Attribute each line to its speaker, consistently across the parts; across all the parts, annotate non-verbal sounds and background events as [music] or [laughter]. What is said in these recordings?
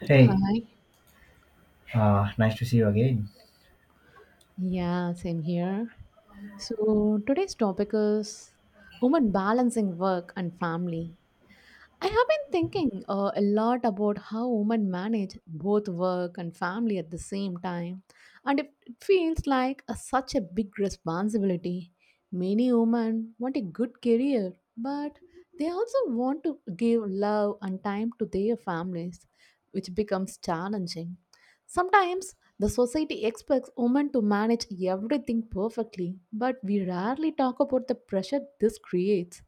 Speaker 1: Hey,
Speaker 2: Hi.
Speaker 1: nice to see you again.
Speaker 2: Yeah, same here. So today's topic is women balancing work and family. I have been thinking a lot about how women manage both work and family at the same time, and it feels like such a big responsibility. Many women want a good career, but they also want to give love and time to their families, which becomes challenging. Sometimes the society expects women to manage everything perfectly, but we rarely talk about the pressure this creates.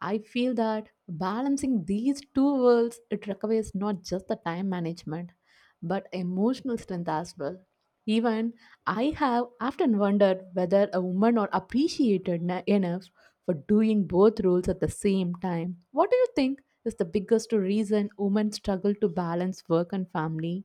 Speaker 2: I feel that balancing these two worlds it requires not just the time management but emotional strength as well. Even I have often wondered whether a woman are appreciated enough for doing both roles at the same time. What do you think is the biggest reason women struggle to balance work and family?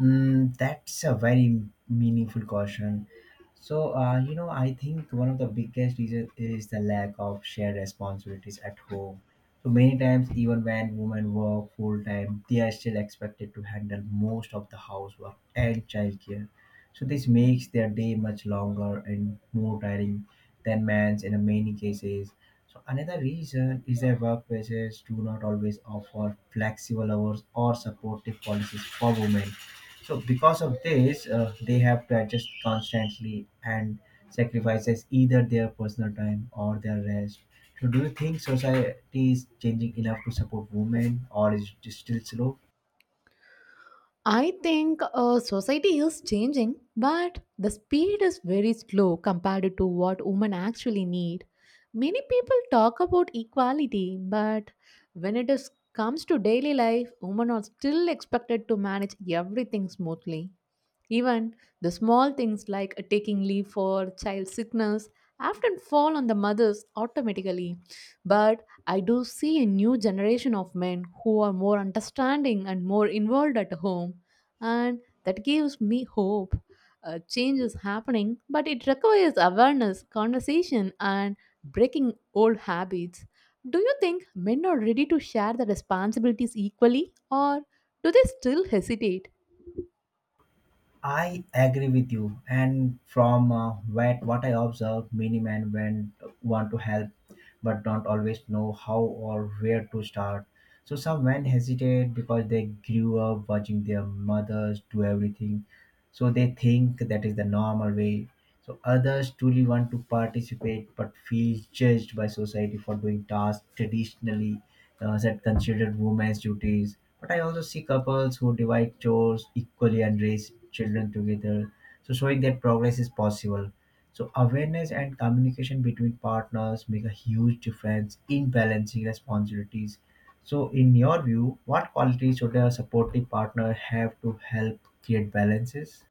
Speaker 1: That's a very meaningful caution. So I think one of the biggest reasons is the lack of shared responsibilities at home. So, many times, even when women work full time, they are still expected to handle most of the housework and childcare. So, this makes their day much longer and more tiring than men's in many cases. So, another reason is that workplaces do not always offer flexible hours or supportive policies for women, so because of this, they have to adjust constantly and sacrifices either their personal time or their rest. So do you think society is changing enough to support women, or is it still slow?
Speaker 2: I think society is changing, but the speed is very slow compared to what women actually need. Many people talk about equality, but comes to daily life, women are still expected to manage everything smoothly. Even the small things like a taking leave for child sickness often fall on the mothers automatically. But I do see a new generation of men who are more understanding and more involved at home, and that gives me hope. Change is happening, but it requires awareness, conversation, and breaking old habits. Do you think men are ready to share the responsibilities equally, or do they still hesitate?
Speaker 1: I agree with you. And from what I observe, many men want to help but don't always know how or where to start. So some men hesitate because they grew up watching their mothers do everything. So they think that is the normal way. So others truly want to participate but feel judged by society for doing tasks traditionally, that considered women's duties, but I also see couples who divide chores equally and raise children together. So showing that progress is possible. So awareness and communication between partners make a huge difference in balancing responsibilities. So in your view, what qualities should a supportive partner have to help create balances?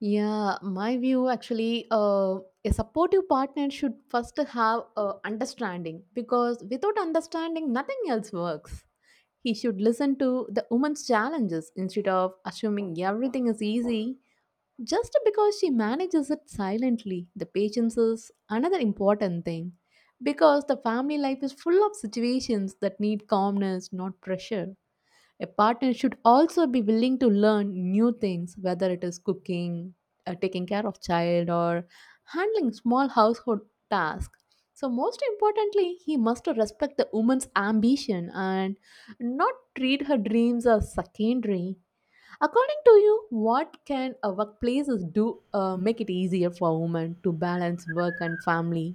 Speaker 2: Yeah, my view actually, a supportive partner should first have understanding because without understanding, nothing else works. He should listen to the woman's challenges instead of assuming everything is easy just because she manages it silently. The patience is another important thing because the family life is full of situations that need calmness, not pressure. A partner should also be willing to learn new things, whether it is cooking, taking care of child, or handling small household tasks. So, most importantly, he must respect the woman's ambition and not treat her dreams as secondary. According to you, what can workplaces do make it easier for women to balance work and family?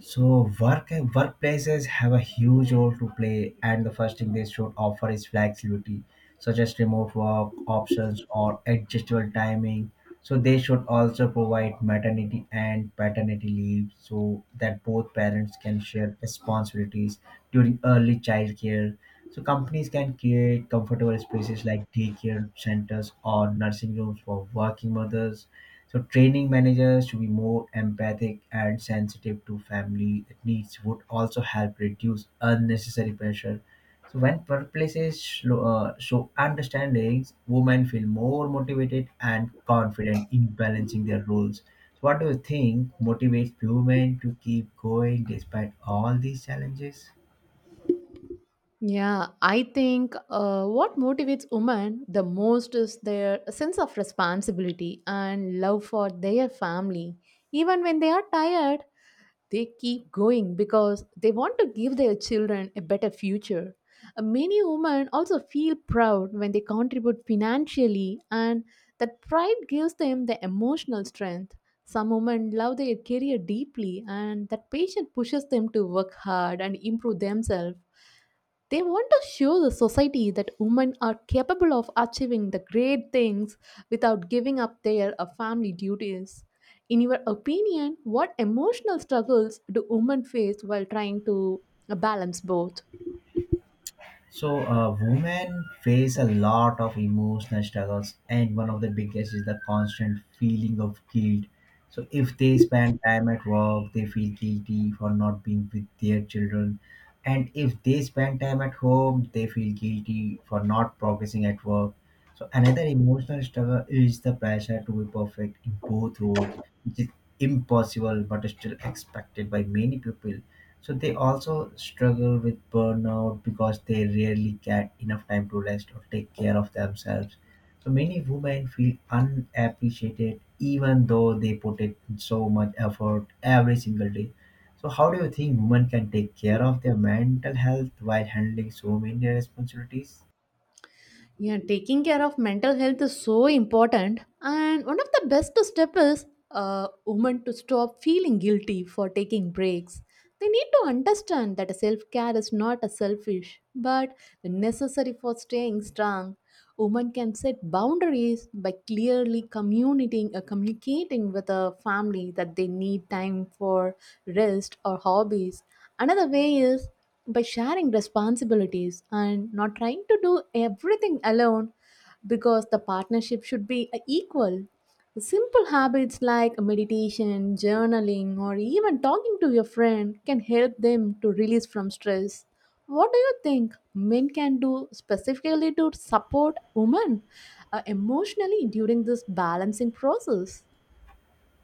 Speaker 1: So workplaces have a huge role to play, and the first thing they should offer is flexibility, such as remote work options or adjustable timing. So they should also provide maternity and paternity leave so that both parents can share responsibilities during early childcare. So companies can create comfortable spaces like daycare centers or nursing rooms for working mothers, so training managers to be more empathic and sensitive to family needs would also help reduce unnecessary pressure. So when workplaces show understandings, women feel more motivated and confident in balancing their roles. So what do you think motivates women to keep going despite all these challenges?
Speaker 2: Yeah, I think what motivates women the most is their sense of responsibility and love for their family. Even when they are tired, they keep going because they want to give their children a better future. Many women also feel proud when they contribute financially, and that pride gives them the emotional strength. Some women love their career deeply, and that passion pushes them to work hard and improve themselves they want to show the society that women are capable of achieving the great things without giving up their family duties. In your opinion, what emotional struggles do women face while trying to balance both?
Speaker 1: So, women face a lot of emotional struggles, and one of the biggest is the constant feeling of guilt. So, if they spend time at work, they feel guilty for not being with their children, and if they spend time at home, they feel guilty for not progressing at work. So, another emotional struggle is the pressure to be perfect in both roles, which is impossible but is still expected by many people. So they also struggle with burnout because they rarely get enough time to rest or take care of themselves. So many women feel unappreciated even though they put in so much effort every single day. So how do you think women can take care of their mental health while handling so many responsibilities?
Speaker 2: Yeah, taking care of mental health is so important, and one of the best step is women to stop feeling guilty for taking breaks. They need to understand that self care is not a selfish, but necessary for staying strong. Women can set boundaries by clearly communicating, communicating with a family that they need time for rest or hobbies. Another way is by sharing responsibilities and not trying to do everything alone because the partnership should be equal. Simple habits like meditation, journaling, or even talking to your friend can help them to release from stress. What do you think men can do specifically to support women emotionally during this balancing process?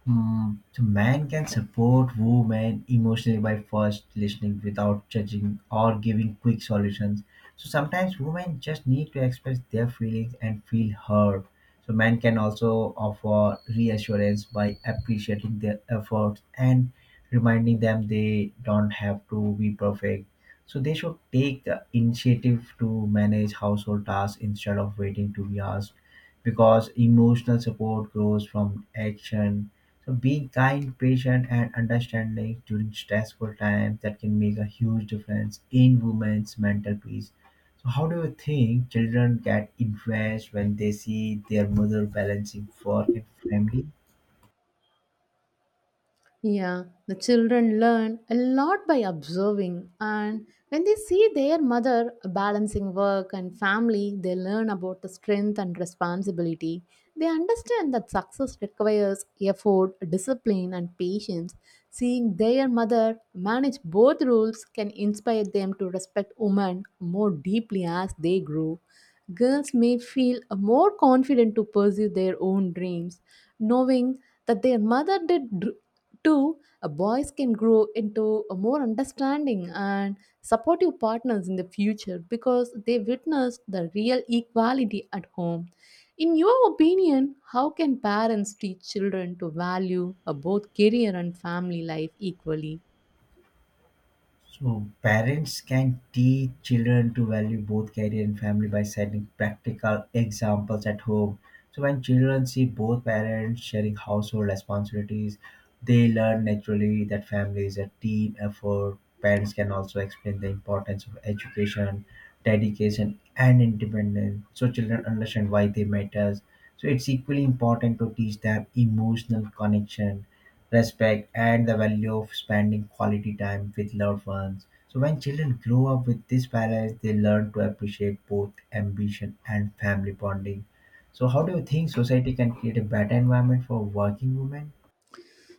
Speaker 1: So man can support women emotionally by first listening without judging or giving quick solutions. So sometimes women just need to express their feelings and feel heard. So man can also offer reassurance by appreciating their efforts and reminding them they don't have to be perfect. So they should take the initiative to manage household tasks instead of waiting to be asked, because emotional support grows from action. So being kind, patient, and understanding during stressful times that can make a huge difference in women's mental peace. So how do you think children get influenced when they see their mother balancing work and family?
Speaker 2: Yeah, the children learn a lot by observing, and when they see their mother balancing work and family, they learn about the strength and responsibility. They understand that success requires effort, discipline, and patience. Seeing their mother manage both roles can inspire them to respect women more deeply as they grow. Girls may feel more confident to pursue their own dreams, knowing that their Two, boys can grow into a more understanding and supportive partners in the future because they witnessed the real equality at home. In your opinion, how can parents teach children to value both career and family life equally?
Speaker 1: So parents can teach children to value both career and family by setting practical examples at home. So when children see both parents sharing household responsibilities, they learn naturally that family is a team effort. Parents can also explain the importance of education, dedication, and independence. So children understand why they matters. So it's equally important to teach them emotional connection, respect, and the value of spending quality time with loved ones. So when children grow up with this balance, they learn to appreciate both ambition and family bonding. So how do you think society can create a better environment for working women?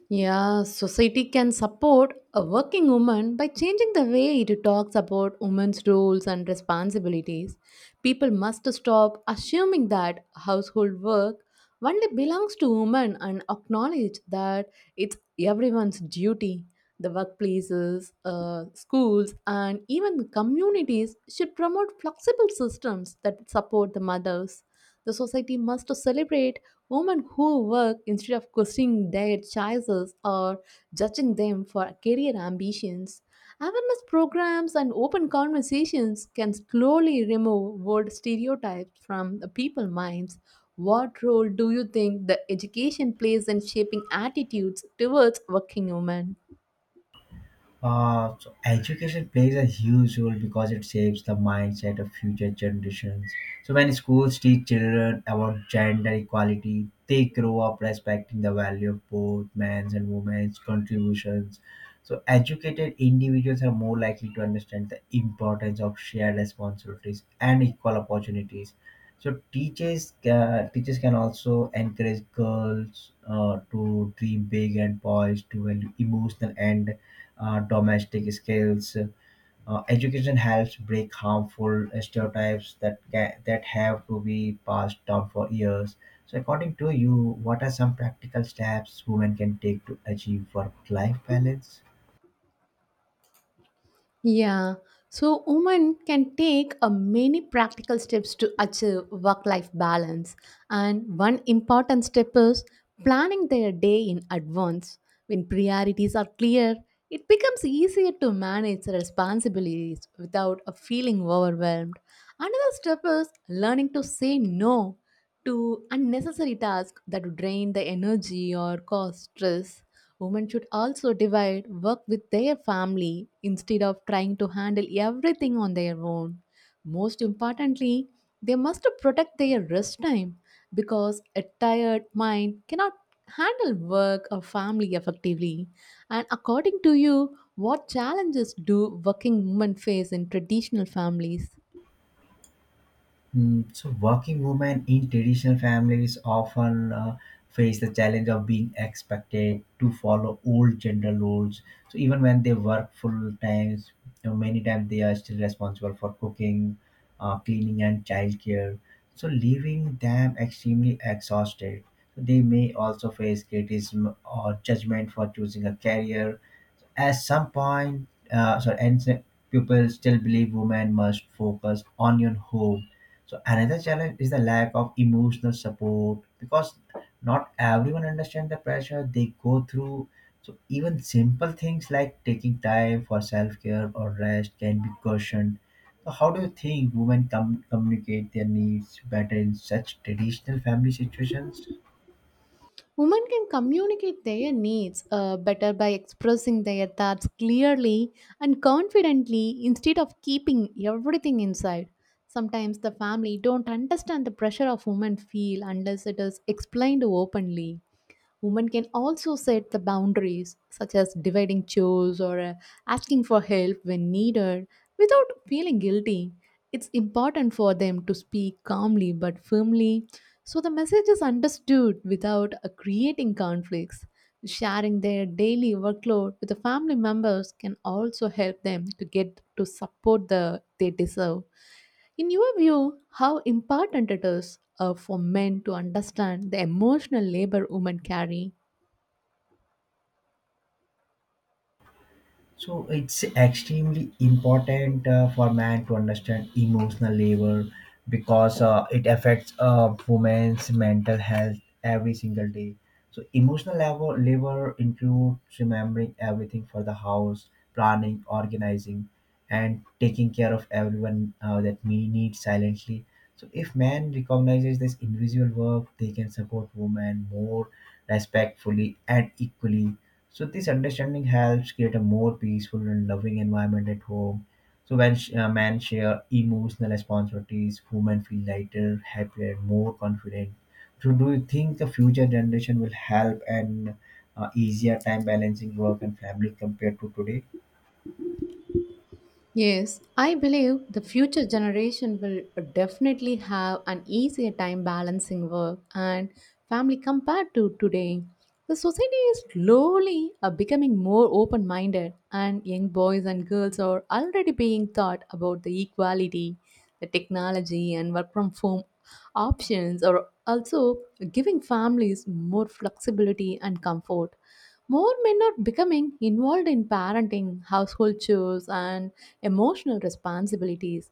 Speaker 2: Yeah, society can support a working woman by changing the way it talks about women's roles and responsibilities. People must stop assuming that household work only belongs to women and acknowledge that it's everyone's duty. The workplaces, schools, and even the communities should promote flexible systems that support the mothers. The society must celebrate women who work instead of questioning their choices or judging them for career ambitions. Awareness programs and open conversations can slowly remove old stereotypes from the people's minds. What role do you think the education plays in shaping attitudes towards working women?
Speaker 1: So education plays a huge role because it shapes the mindset of future generations. So when schools teach children about gender equality, they grow up respecting the value of both men's and women's contributions. So educated individuals are more likely to understand the importance of shared responsibilities and equal opportunities. So teachers can also encourage girls to dream big, and boys to value emotional and domestic skills. Education helps break harmful stereotypes that that have to be passed down for years. So, according to you, what are some practical steps women can take to achieve work-life balance?
Speaker 2: Yeah. So women can take a many practical steps to achieve work-life balance. And one important step is planning their day in advance. When priorities are clear, it becomes easier to manage responsibilities without a feeling overwhelmed. Another step is learning to say no to unnecessary tasks that drain the energy or cause stress. Women should also divide work with their family instead of trying to handle everything on their own. Most importantly, they must protect their rest time because a tired mind cannot handle work or family effectively. And according to you, what challenges do working women face in traditional families?
Speaker 1: So, working women in traditional families often face the challenge of being expected to follow old gender roles. So, even when they work full times, you know, many times they are still responsible for cooking, cleaning, and childcare. So, leaving them extremely exhausted. So they may also face criticism or judgment for choosing a career at some point, sorry, and so people still believe women must focus on your home. So another challenge is the lack of emotional support because not everyone understands the pressure they go through. So even simple things like taking time for self-care or rest can be questioned. So how do you think women communicate their needs better in such traditional family situations?
Speaker 2: Women can communicate their needs better by expressing their thoughts clearly and confidently instead of keeping everything inside. Sometimes the family don't understand the pressure of women feel unless it is explained openly. Women can also set the boundaries, such as dividing chores or asking for help when needed, without feeling guilty. It's important for them to speak calmly but firmly so the message is understood without creating conflicts. Sharing their daily workload with the family members can also help them to get to support the they deserve. In your view, how important it is for men to understand the emotional labor women carry?
Speaker 1: So it's extremely important for man to understand emotional labor, because it affects a woman's mental health every single day. So emotional labor includes remembering everything for the house, planning, organizing, and taking care of everyone that we need silently. So if man recognizes this invisible work, they can support women more respectfully and equally, so this understanding helps create a more peaceful and loving environment at home. So when men share emotional responsibilities, women feel lighter, happier, and more confident. So do you think the future generation will help and easier time balancing work and family compared to today?
Speaker 2: Yes, I believe the future generation will definitely have an easier time balancing work and family compared to today. The society is slowly becoming more open minded, and young boys and girls are already being taught about the equality, the technology, and work from home options are also giving families more flexibility and comfort. More men are becoming involved in parenting, household chores, and emotional responsibilities,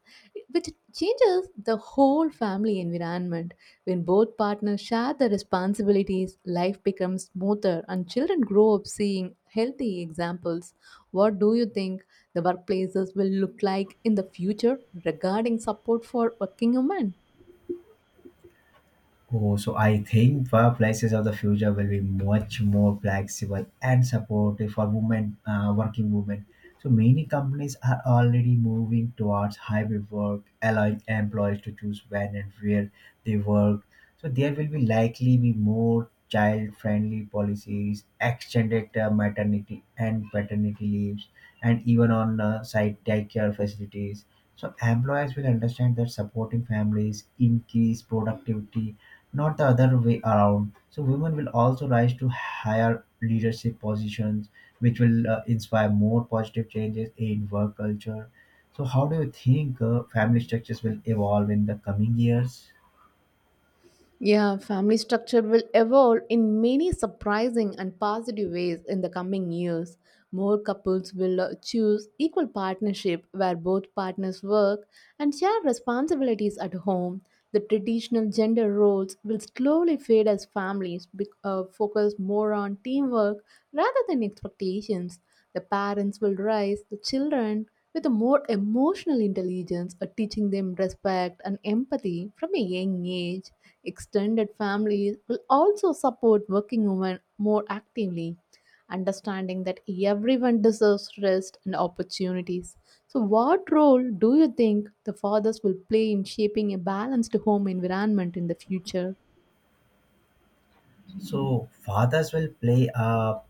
Speaker 2: which changes the whole family environment. When both partners share the responsibilities, life becomes smoother and children grow up seeing healthy examples. What do you think the workplaces will look like in the future regarding support for working women?
Speaker 1: Oh, so I think workplaces of the future will be much more flexible and supportive for women, working women. So many companies are already moving towards hybrid work, allowing employees to choose when and where they work. So there will be likely be more child-friendly policies, extended maternity and paternity leaves, and even on site daycare facilities. So employers will understand that supporting families increase productivity, not the other way around. So women will also rise to higher leadership positions, which will inspire more positive changes in work culture. So how do you think family structures will evolve in the coming years?
Speaker 2: Yeah, family structure will evolve in many surprising and positive ways in the coming years. More couples will choose equal partnership where both partners work and share responsibilities at home. The traditional gender roles will slowly fade as families focus more on teamwork rather than expectations. The parents will raise the children with a more emotional intelligence, teaching them respect and empathy from a young age. Extended families will also support working women more actively, understanding that everyone deserves rest and opportunities. So, what role do you think the fathers will play in shaping a balanced home environment in the future?
Speaker 1: So fathers will play a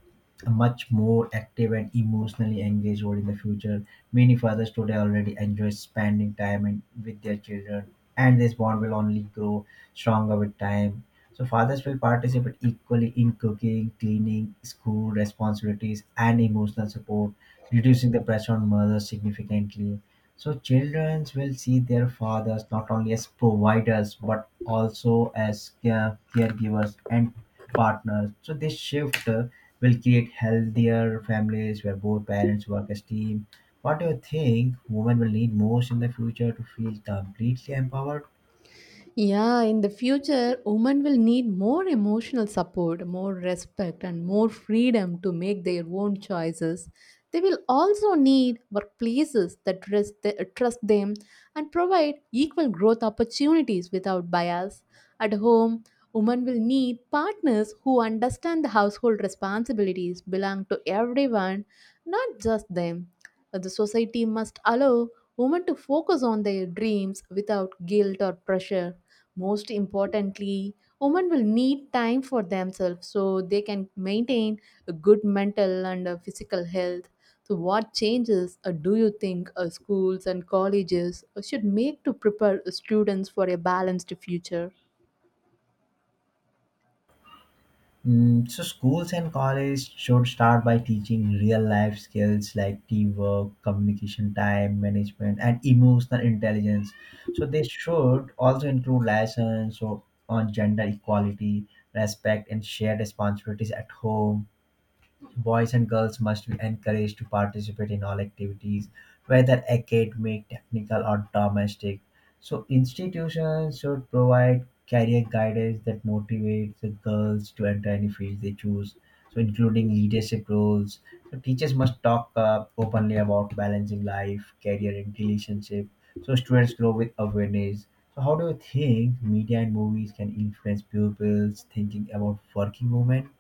Speaker 1: much more active and emotionally engaged role in the future. Many fathers today already enjoy spending time with their children, and this bond will only grow stronger with time. So, fathers will participate equally in cooking, cleaning, school responsibilities, and emotional support, reducing the pressure on mothers significantly. So children will see their fathers not only as providers but also as caregivers and partners. So this shift will create healthier families where both parents work as team. What do you think women will need most in the future to feel completely empowered?
Speaker 2: Yeah, in the future, women will need more emotional support, more respect, and more freedom to make their own choices. They will also need workplaces that trust them and provide equal growth opportunities without bias. At home, women will need partners who understand the household responsibilities belong to everyone, not just them. The society must allow women to focus on their dreams without guilt or pressure. Most importantly, women will need time for themselves so they can maintain a good mental and physical health. So what changes do you think schools and colleges should make to prepare students for a balanced future?
Speaker 1: So schools and college should start by teaching real life skills like teamwork, communication, time management, and emotional intelligence. So they should also include lessons so on gender equality, respect, and shared responsibilities at home. Boys and girls must be encouraged to participate in all activities, whether academic, technical, or domestic. So, institutions should provide career guidance that motivates the girls to enter any field they choose, so including leadership roles. So, teachers must talk openly about balancing life, career, and relationship, so students grow with awareness. So, how do you think media and movies can influence pupils' thinking about working women?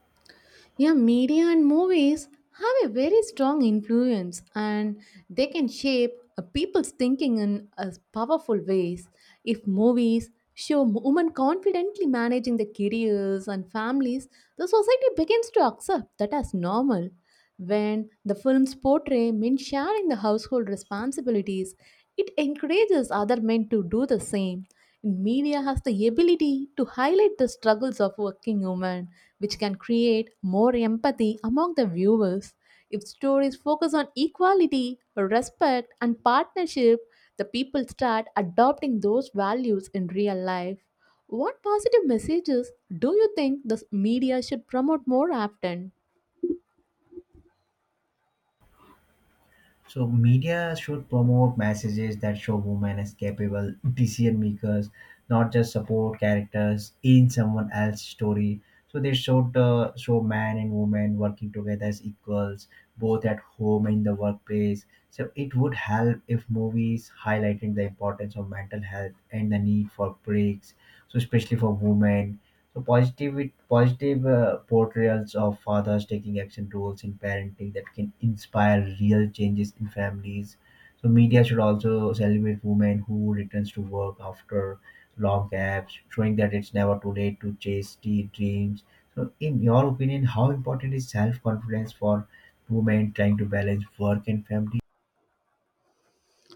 Speaker 2: Yeah, media and movies have a very strong influence and they can shape people's thinking in powerful ways. If movies show women confidently managing their careers and families, the society begins to accept that as normal. When the films portray men sharing the household responsibilities, it encourages other men to do the same. And media has the ability to highlight the struggles of working women, which can create more empathy among the viewers. If stories focus on equality, respect, and partnership, the people start adopting those values in real life. What positive messages do you think the media should promote more often?
Speaker 1: So media should promote messages that show women as capable decision makers, not just support characters in someone else's story. So they show man and woman working together as equals, both at home and in the workplace. So it would help if movies highlighted the importance of mental health and the need for breaks, so especially for women. So positive portrayals of fathers taking action roles in parenting that can inspire real changes in families. So media should also celebrate women who returns to work after long gaps, showing that it's never too late to chase the dreams. So in your opinion, how important is self confidence for women trying to balance work and family?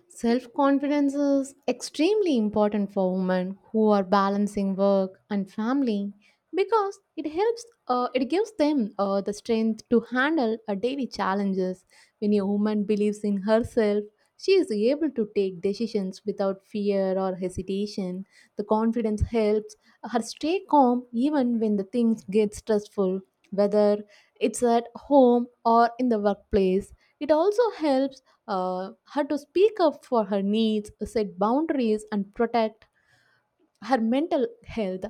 Speaker 2: Self confidence is extremely important for women who are balancing work and family because it gives them the strength to handle daily challenges. When a woman believes in herself, she is able to take decisions without fear or hesitation. The confidence helps her stay calm even when the things get stressful, whether it's at home or in the workplace. It also helps her to speak up for her needs, set boundaries, and protect her mental health.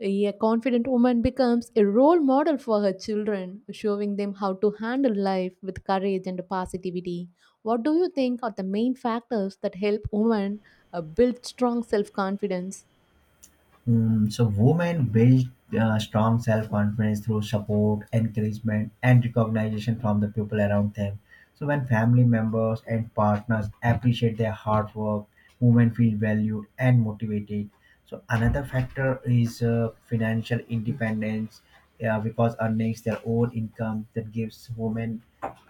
Speaker 2: A confident woman becomes a role model for her children, showing them how to handle life with courage and positivity. What do you think are the main factors that help women build strong self confidence?
Speaker 1: So women build strong self-confidence through support, encouragement, and recognition from the people around them. So when family members and partners appreciate their hard work, women feel valued and motivated. So another factor is financial independence, because earnings their own income that gives women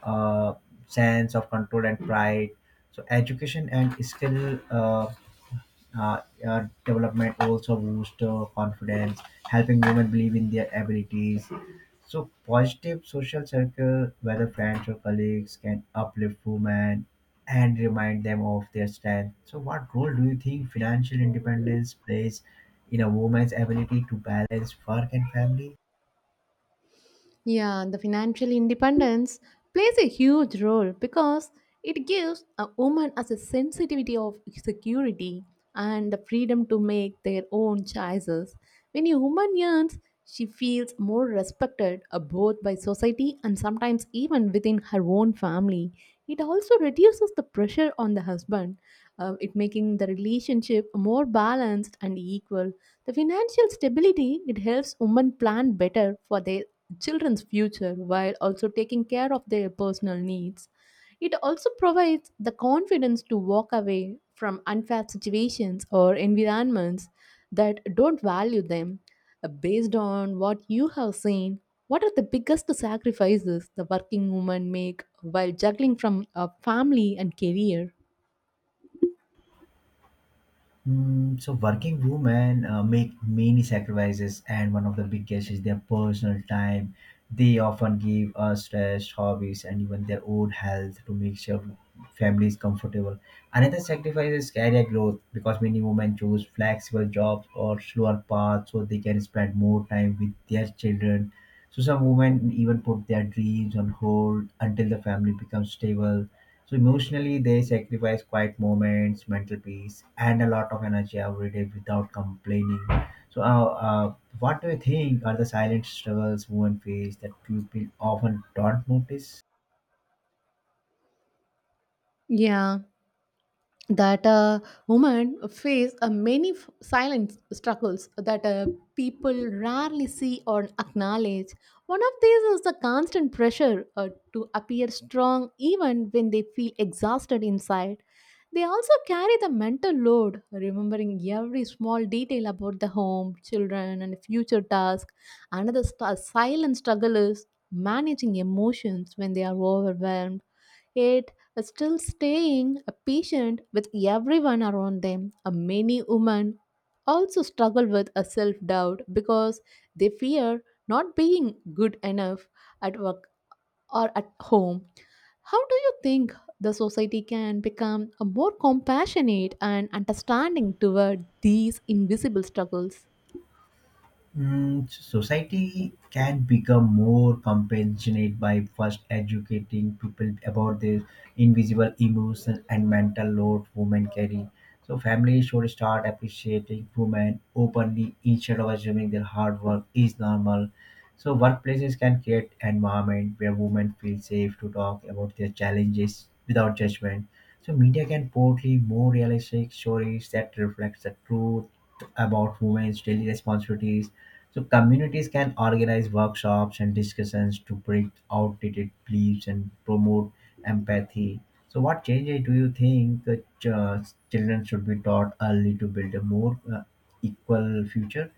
Speaker 1: uh, sense of control and pride. So education and skill uh, development also boosts confidence, helping women believe in their abilities. So, positive social circle, whether friends or colleagues, can uplift women and remind them of their strength. So, what role do you think financial independence plays in a woman's ability to balance work and family?
Speaker 2: Yeah, the financial independence plays a huge role because it gives a woman as a sensitivity of security and the freedom to make their own choices. When a woman earns, she feels more respected both by society and sometimes even within her own family. It also reduces the pressure on the husband, it making the relationship more balanced and equal. The financial stability it helps women plan better for their children's future while also taking care of their personal needs. It also provides the confidence to walk away from unfair situations or environments that don't value them. Based on what you have seen, what are the biggest sacrifices the working woman make while juggling from a family and career?
Speaker 1: Mm, so working women make many sacrifices, and one of the biggest is their personal time. They often give stress, hobbies, and even their own health to make sure family is comfortable. Another sacrifice is career growth because many women choose flexible jobs or slower paths so they can spend more time with their children. So some women even put their dreams on hold until the family becomes stable. So emotionally, they sacrifice quiet moments, mental peace, and a lot of energy every day without complaining. So, what do you think are the silent struggles women face that people often don't notice?
Speaker 2: Yeah, that a woman face a silent struggles that people rarely see or acknowledge. One of these is the constant pressure to appear strong even when they feel exhausted inside. They also carry the mental load, remembering every small detail about the home, children, and future tasks. Another silent struggle is managing emotions when they are overwhelmed, yet still staying patient with everyone around them. Many women also struggle with a self doubt because they fear not being good enough at work or at home. How do you think the society can become a more compassionate and understanding toward these invisible struggles?
Speaker 1: Mm, society can become more compassionate by first educating people about the invisible emotion and mental load women carry. So families should start appreciating women openly instead of assuming their hard work is normal. So workplaces can create an environment where women feel safe to talk about their challenges without judgment. So media can portray more realistic stories that reflect the truth about women's daily responsibilities. So communities can organize workshops and discussions to break outdated beliefs and promote empathy. So what changes do you think that uh, children should be taught early to build a more equal future?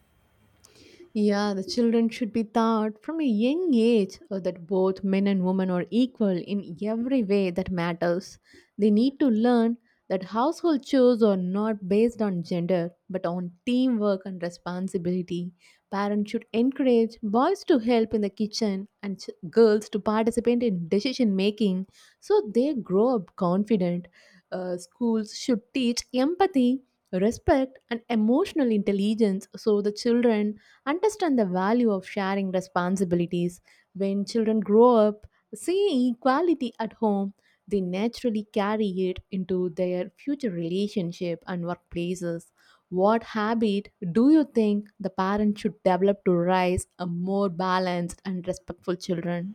Speaker 2: Yeah, the children should be taught from a young age that both men and women are equal in every way that matters. They need to learn that household chores are not based on gender but on teamwork and responsibility. Parents should encourage boys to help in the kitchen and girls to participate in decision making so they grow up confident. Schools should teach empathy, respect, and emotional intelligence so the children understand the value of sharing responsibilities. When children grow up See equality at home, they naturally carry it into their future relationship and workplaces. What habit do you think the parent should develop to raise a more balanced and respectful children?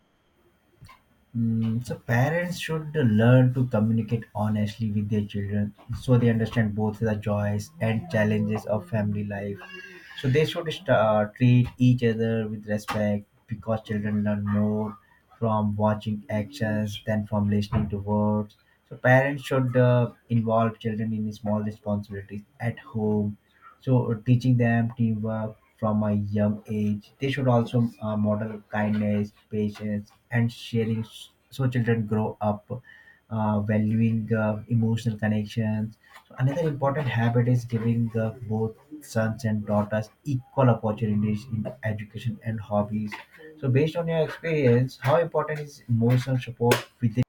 Speaker 1: Mm, so parents should learn to communicate honestly with their children so they understand both the joys and challenges of family life. So they should start treat each other with respect, because children learn more from watching actions than from listening to words. So parents should involve children in small responsibilities at home, so teaching them teamwork from a young age. They should also model kindness, patience, and sharing, so children grow up valuing emotional connections. So another important habit is giving both sons and daughters equal opportunities in education and hobbies. So based on your experience, how important is emotional support within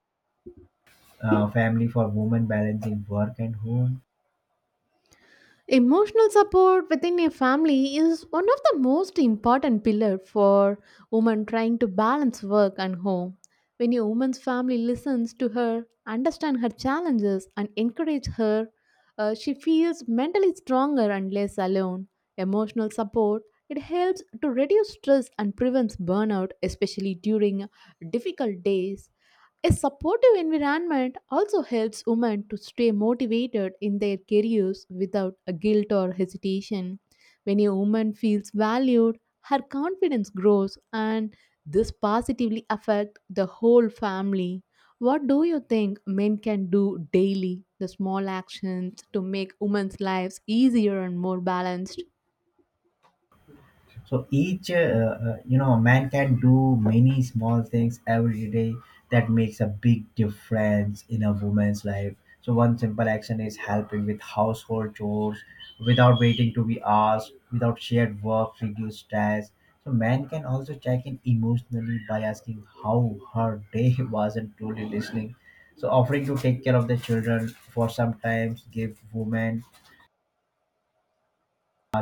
Speaker 1: family for women balancing work and home?
Speaker 2: Emotional support within a family is one of the most important pillar for women trying to balance work and home. When a woman's family listens to her, understand her challenges and encourage her, she feels mentally stronger and less alone. Emotional support it helps to reduce stress and prevents burnout, especially during difficult days. A supportive environment also helps women to stay motivated in their careers without a guilt or hesitation. When a woman feels valued, her confidence grows and this positively affects the whole family. What do you think men can do daily, the small actions to make women's lives easier and more balanced?
Speaker 1: So each you know, man can do many small things every day that makes a big difference in a woman's life. So one simple action is helping with household chores without waiting to be asked, without shared work reduce stress. So man can also check in emotionally by asking how her day [laughs] was and truly listening. So offering to take care of the children for sometimes give women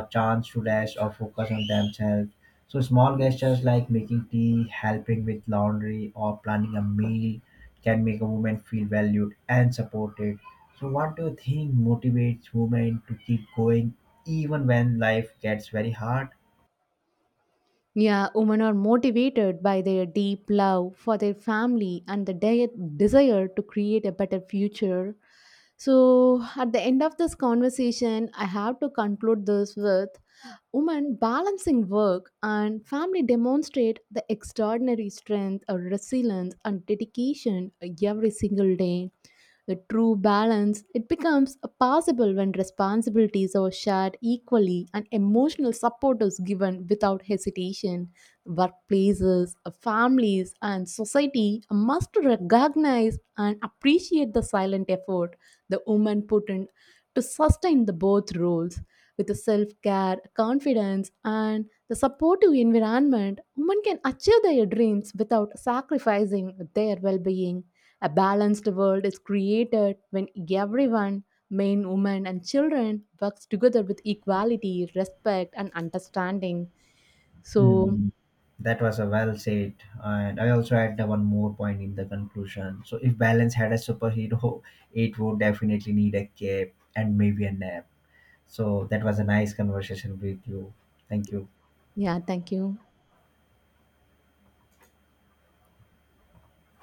Speaker 1: chance to rest or focus on themselves. So, small gestures like making tea, helping with laundry, or planning a meal can make a woman feel valued and supported. So, what do you think motivates women to keep going even when life gets very hard?
Speaker 2: Yeah, women are motivated by their deep love for their family and the desire to create a better future. So, at the end of this conversation, I have to conclude this with: women balancing work and family demonstrate the extraordinary strength, resilience, and dedication every single day. The true balance it becomes possible when responsibilities are shared equally and emotional support is given without hesitation. Workplaces, families, and society must recognize and appreciate the silent effort the women put in to sustain the both roles. With the self-care confidence and the supportive environment, women can achieve their dreams without sacrificing their well-being. A balanced world is created when everyone, men, women, and children works together with equality, respect, and understanding. So
Speaker 1: Hmm. That was a well said, and I also add the one more point in the conclusion. So, if balance had a superhero, [laughs] it would definitely need a cape and maybe a nap. So that was a nice conversation with you. Thank you.
Speaker 2: yeah, thank you.